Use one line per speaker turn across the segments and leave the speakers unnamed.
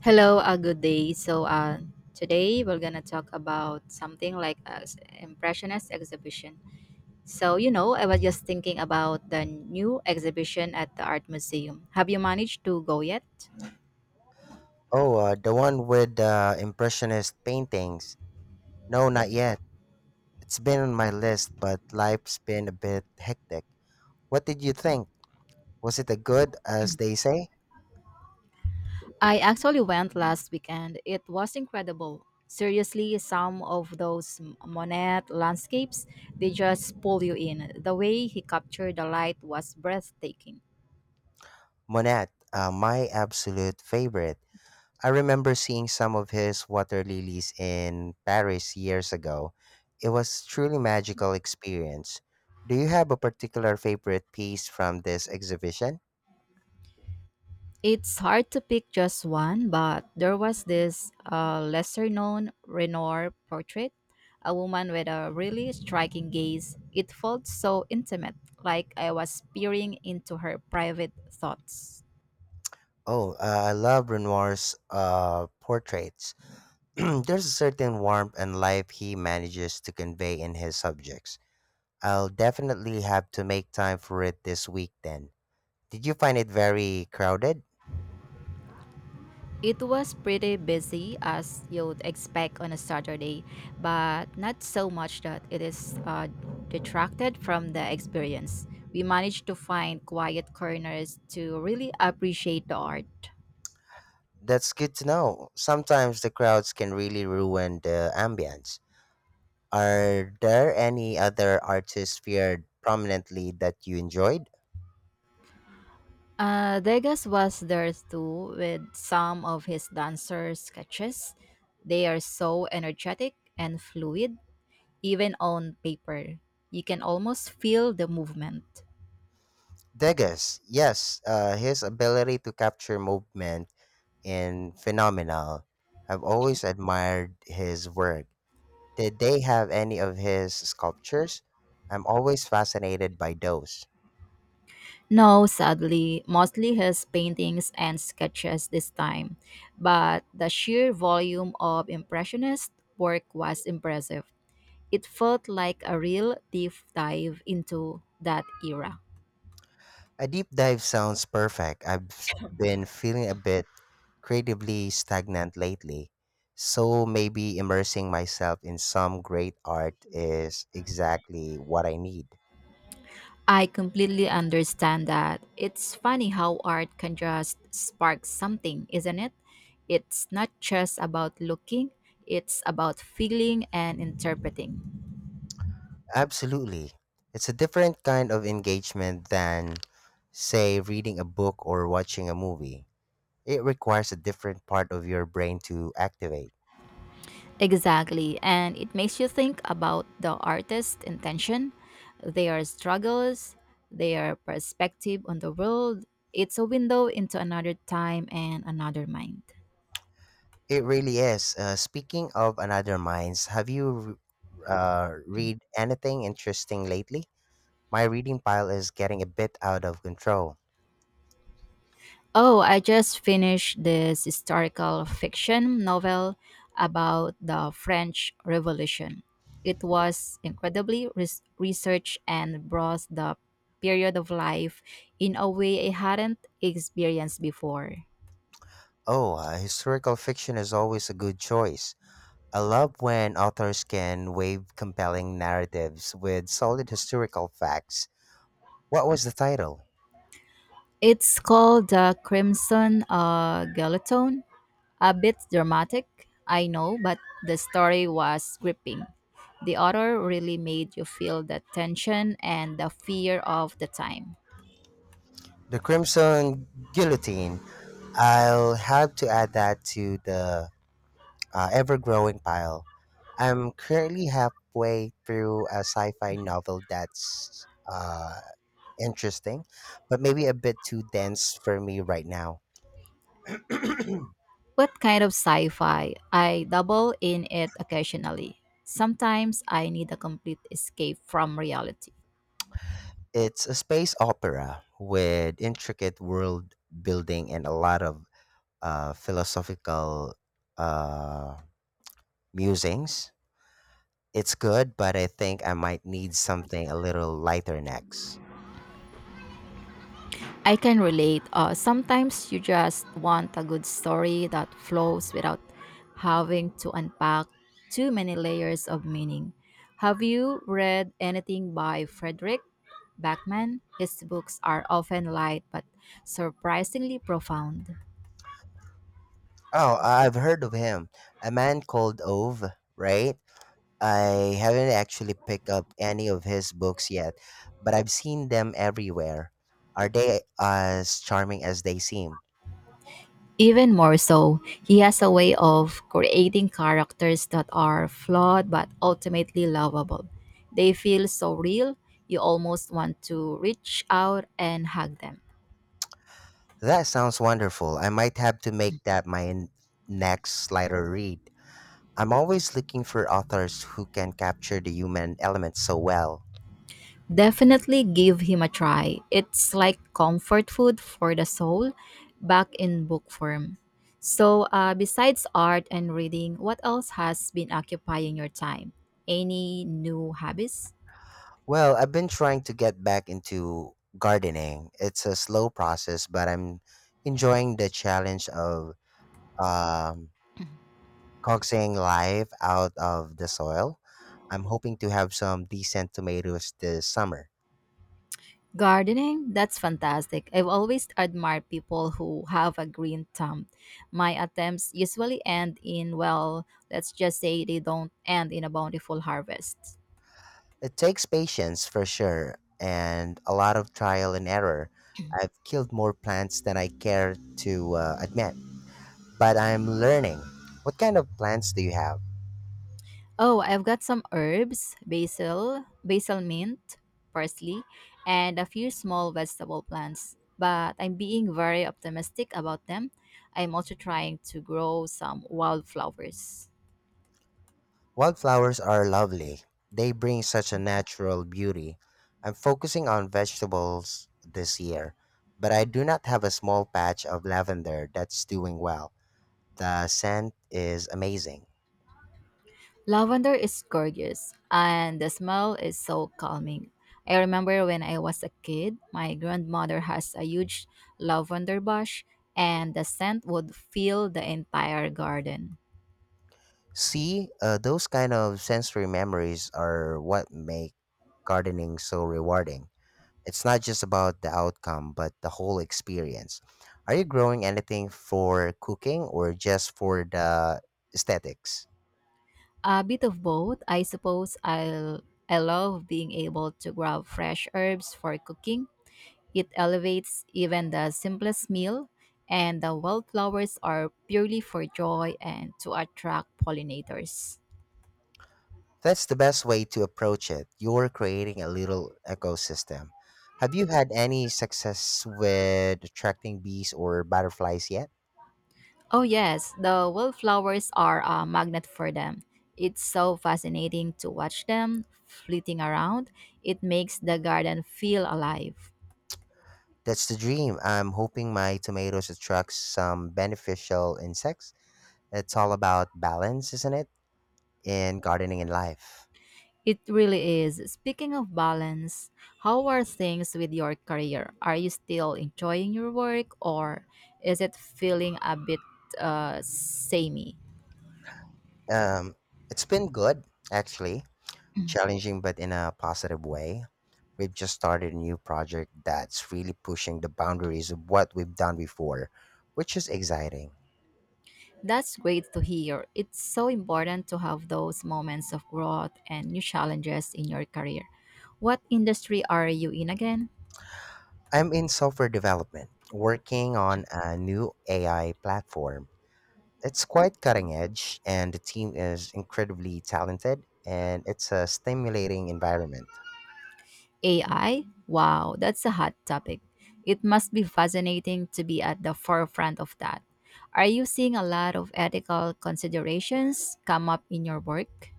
Hello, a good day. Today we're gonna talk about something like a s- impressionist exhibition. So, you know, I was just thinking about the new exhibition at the art museum. Have you managed to go yet?
Oh, the one with the impressionist paintings. No, not yet. It's been on my list, but life's been a bit hectic. What did you think? Was it a good, as they say?
I actually went last weekend. It was incredible. Seriously, some of those Monet landscapes, they just pull you in. The way he captured the light was breathtaking.
Monet, my absolute favorite. I remember seeing some of his water lilies in Paris years ago. It was truly magical experience. Do you have a particular favorite piece from this exhibition?
It's hard to pick just one, but there was this lesser known Renoir portrait, a woman with a really striking gaze. It felt so intimate, like I was peering into her private thoughts.
Oh, I love Renoir's portraits. There's a certain warmth and life he manages to convey in his subjects. I'll definitely have to make time for it this week then. Did you find it very crowded?
It was pretty busy, as you'd expect on a Saturday, but not so much that it is detracted from the experience. We managed to find quiet corners to really appreciate the art.
That's good to know. Sometimes the crowds can really ruin the ambience. Are there any other artists featured prominently that you enjoyed?
Degas was there too with some of his dancer sketches. They are so energetic and fluid, even on paper. You can almost feel the movement.
Degas, yes, his ability to capture movement in phenomenal. I've always admired his work. Did they have any of his sculptures? I'm always fascinated by those.
No, sadly, mostly his paintings and sketches this time, but the sheer volume of Impressionist work was impressive. It felt like a real deep dive into that era.
A deep dive sounds perfect. I've been feeling a bit creatively stagnant lately. So maybe immersing myself in some great art is exactly what I need.
I completely understand that. It's funny how art can just spark something, isn't it? It's not just about looking, it's about feeling and interpreting.
Absolutely. It's a different kind of engagement than, say, reading a book or watching a movie. It requires a different part of your brain to activate.
Exactly, and it makes you think about the artist's intention, their struggles, their perspective on the world. It's a window into another time and another mind.
It really is. Speaking of another minds, have you read anything interesting lately? My reading pile is getting a bit out of control.
Oh, I just finished this historical fiction novel about the French Revolution. It was incredibly researched and brought the period of life in a way I hadn't experienced before.
Oh, historical fiction is always a good choice. I love when authors can weave compelling narratives with solid historical facts. What was the title?
It's called The Crimson Guillotine. A bit dramatic, I know, but the story was gripping. The author really made you feel the tension and the fear of the time.
The Crimson Guillotine. I'll have to add that to the ever growing pile. I'm currently halfway through a sci fi novel that's interesting, but maybe a bit too dense for me right now.
What kind of sci fi? I dabble in it occasionally. Sometimes I need a complete escape from reality.
It's a space opera with intricate world building and a lot of philosophical uh, musings. It's good, but I think I might need something a little lighter next.
I can relate. Sometimes you just want a good story that flows without having to unpack too many layers of meaning. Have you read anything by Frederick Backman? His books are often light but surprisingly profound.
Oh, I've heard of him. A man called Ove, right? I haven't actually picked up any of his books yet, but I've seen them everywhere. Are they as charming as they seem?
Even more so, he has a way of creating characters that are flawed but ultimately lovable. They feel so real, you almost want to reach out and hug them.
That sounds wonderful. I might have to make that my next slider read. I'm always looking for authors who can capture the human element so well.
Definitely give him a try. It's like comfort food for the soul, back in book form. So, besides art and reading, what else has been occupying your time? Any new habits?
Well, I've been trying to get back into gardening. It's a slow process, but I'm enjoying the challenge of um, coaxing life out of the soil. I'm hoping to have some decent tomatoes this summer.
Gardening? That's fantastic. I've always admired people who have a green thumb. My attempts usually end in, well, let's just say they don't end in a bountiful harvest.
It takes patience for sure and a lot of trial and error. I've killed more plants than I care to admit, but I'm learning. What kind of plants do you have?
Oh, I've got some herbs, basil, basil mint, parsley, and a few small vegetable plants. But I'm being very optimistic about them. I'm also trying to grow some wildflowers.
Wildflowers are lovely. They bring such a natural beauty. I'm focusing on vegetables this year, but I do not have a small patch of lavender that's doing well. The scent is amazing.
Lavender is gorgeous, and the smell is so calming. I remember when I was a kid, my grandmother has a huge lavender bush, and the scent would fill the entire garden.
See, those kind of sensory memories are what make gardening so rewarding. It's not just about the outcome, but the whole experience. Are you growing anything for cooking or just for the aesthetics?
A bit of both, I suppose. I love being able to grab fresh herbs for cooking. It elevates even the simplest meal, and the wildflowers are purely for joy and to attract pollinators.
That's the best way to approach it. You're creating a little ecosystem. Have you had any success with attracting bees or butterflies yet?
Oh, yes, the wildflowers are a magnet for them. It's so fascinating to watch them flitting around. It makes the garden feel alive.
That's the dream. I'm hoping my tomatoes attract some beneficial insects. It's all about balance, isn't it? In gardening and life.
It really is. Speaking of balance, how are things with your career? Are you still enjoying your work or is it feeling a bit samey?
Um, it's been good, actually. Challenging, but in a positive way. We've just started a new project that's really pushing the boundaries of what we've done before, which is exciting.
That's great to hear. It's so important to have those moments of growth and new challenges in your career. What industry are you in again?
I'm in software development, working on a new AI platform. It's quite cutting edge, and the team is incredibly talented, and it's a stimulating environment.
AI? Wow, that's a hot topic. It must be fascinating to be at the forefront of that. Are you seeing a lot of ethical considerations come up in your work?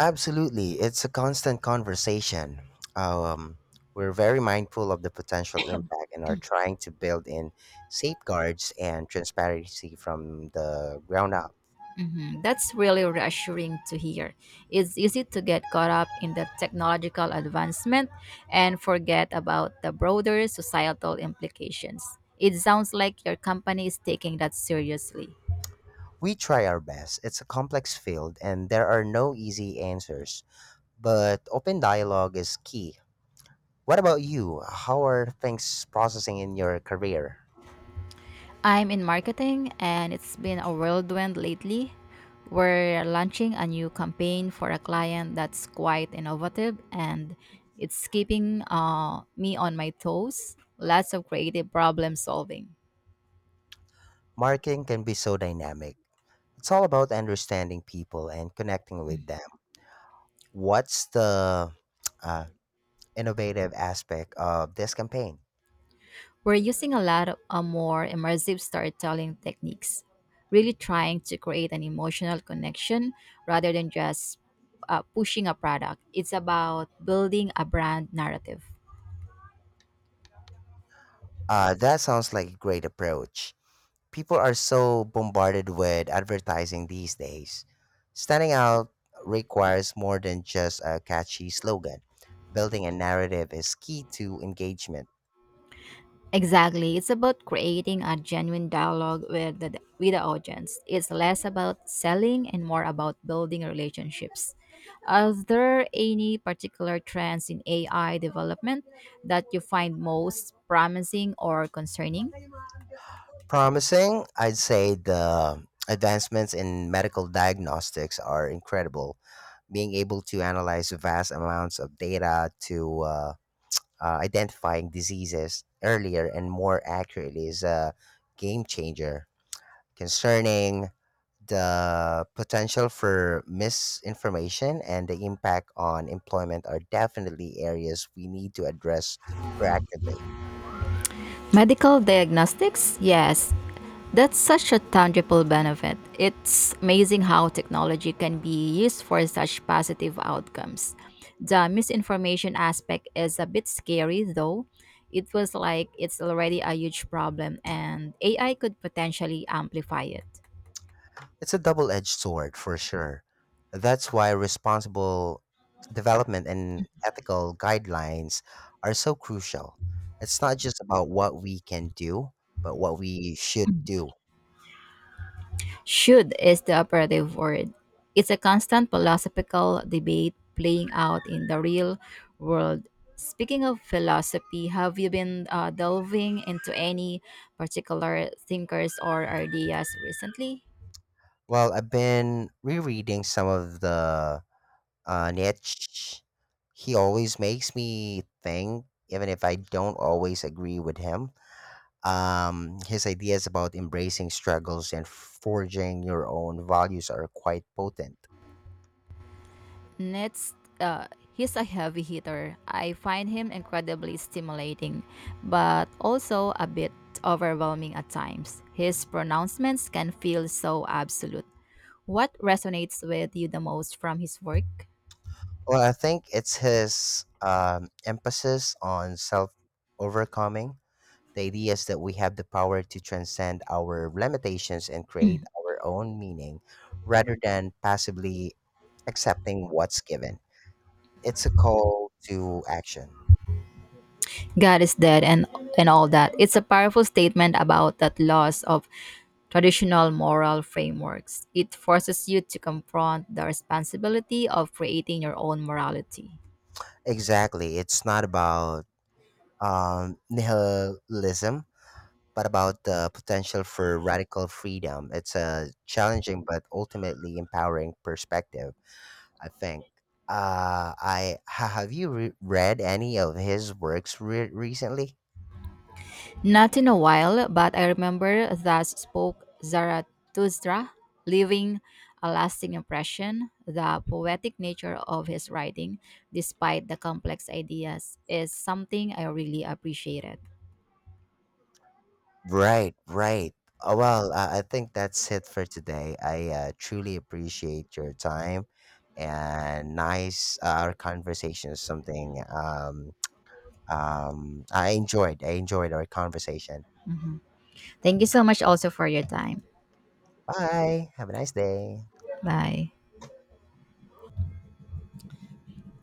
Absolutely, it's a constant conversation. Um, we're very mindful of the potential impact and are trying to build in safeguards and transparency from the ground up.
Mhm. That's really reassuring to hear. It's easy to get caught up in the technological advancement and forget about the broader societal implications. It sounds like your company is taking that seriously.
We try our best. It's a complex field, and there are no easy answers but open dialogue is key. What about you? How are things processing in your career?
I'm in marketing, and it's been a whirlwind lately. We're launching a new campaign for a client that's quite innovative and it's keeping me on my toes. Lots of creative problem solving.
Marketing can be so dynamic. It's all about understanding people and connecting with them. What's the uh, innovative aspect of this campaign?
We're using a lot of more immersive storytelling techniques, really trying to create an emotional connection rather than just pushing a product. It's about building a brand narrative.
That sounds like a great approach. People are so bombarded with advertising these days. Standing out requires more than just a catchy slogan. Building a narrative is key to engagement
Exactly. It's about creating a genuine dialogue with the audience. It's less about selling and more about building relationships. Are there any particular trends in AI development that you find most promising or concerning?
promising. I'd say the advancements in medical diagnostics are incredible. Being able to analyze vast amounts of data to identifying diseases earlier and more accurately is a game changer. Concerning the potential for misinformation and the impact on employment are definitely areas we need to address proactively.
Medical diagnostics? Yes. That's such a tangible benefit. It's amazing how technology can be used for such positive outcomes. The misinformation aspect is a bit scary, though. It feels like it's already a huge problem, and AI could potentially amplify it.
It's a double edged sword for sure. That's why responsible development and ethical guidelines are so crucial. It's not just about what we can do, but what we should do.
Should is the operative word. It's a constant philosophical debate playing out in the real world. Speaking of philosophy, have you been delving into any particular thinkers or ideas recently?
Well, I've been rereading some of the niche. He always makes me think, even if I don't always agree with him. His ideas about embracing struggles and forging your own values are quite potent.
Next, he's a heavy hitter. I find him incredibly stimulating, but also a bit overwhelming at times. His pronouncements can feel so absolute. What resonates with you the most from his work?
Well, I think it's his emphasis on self overcoming, the ideas that we have the power to transcend our limitations and create our own meaning rather than passively accepting what's given. It's a call to action.
God is dead and all that. It's a powerful statement about that loss of traditional moral frameworks. It forces you to confront the responsibility of creating your own morality.
Exactly. It's not about nihilism, but about the potential for radical freedom. It's a challenging but ultimately empowering perspective, I think. Have you read any of his works recently?
Not in a while, but I remember Thus Spoke Zarathustra, leaving a lasting impression. The poetic nature of his writing, despite the complex ideas, is something I really appreciated.
Right, right. Well, I think that's it for today. I truly appreciate your time and nice our conversation is something I enjoyed. I enjoyed our conversation.
Mhm. Thank you so much also for your time.
Bye. Have a nice day.
Bye.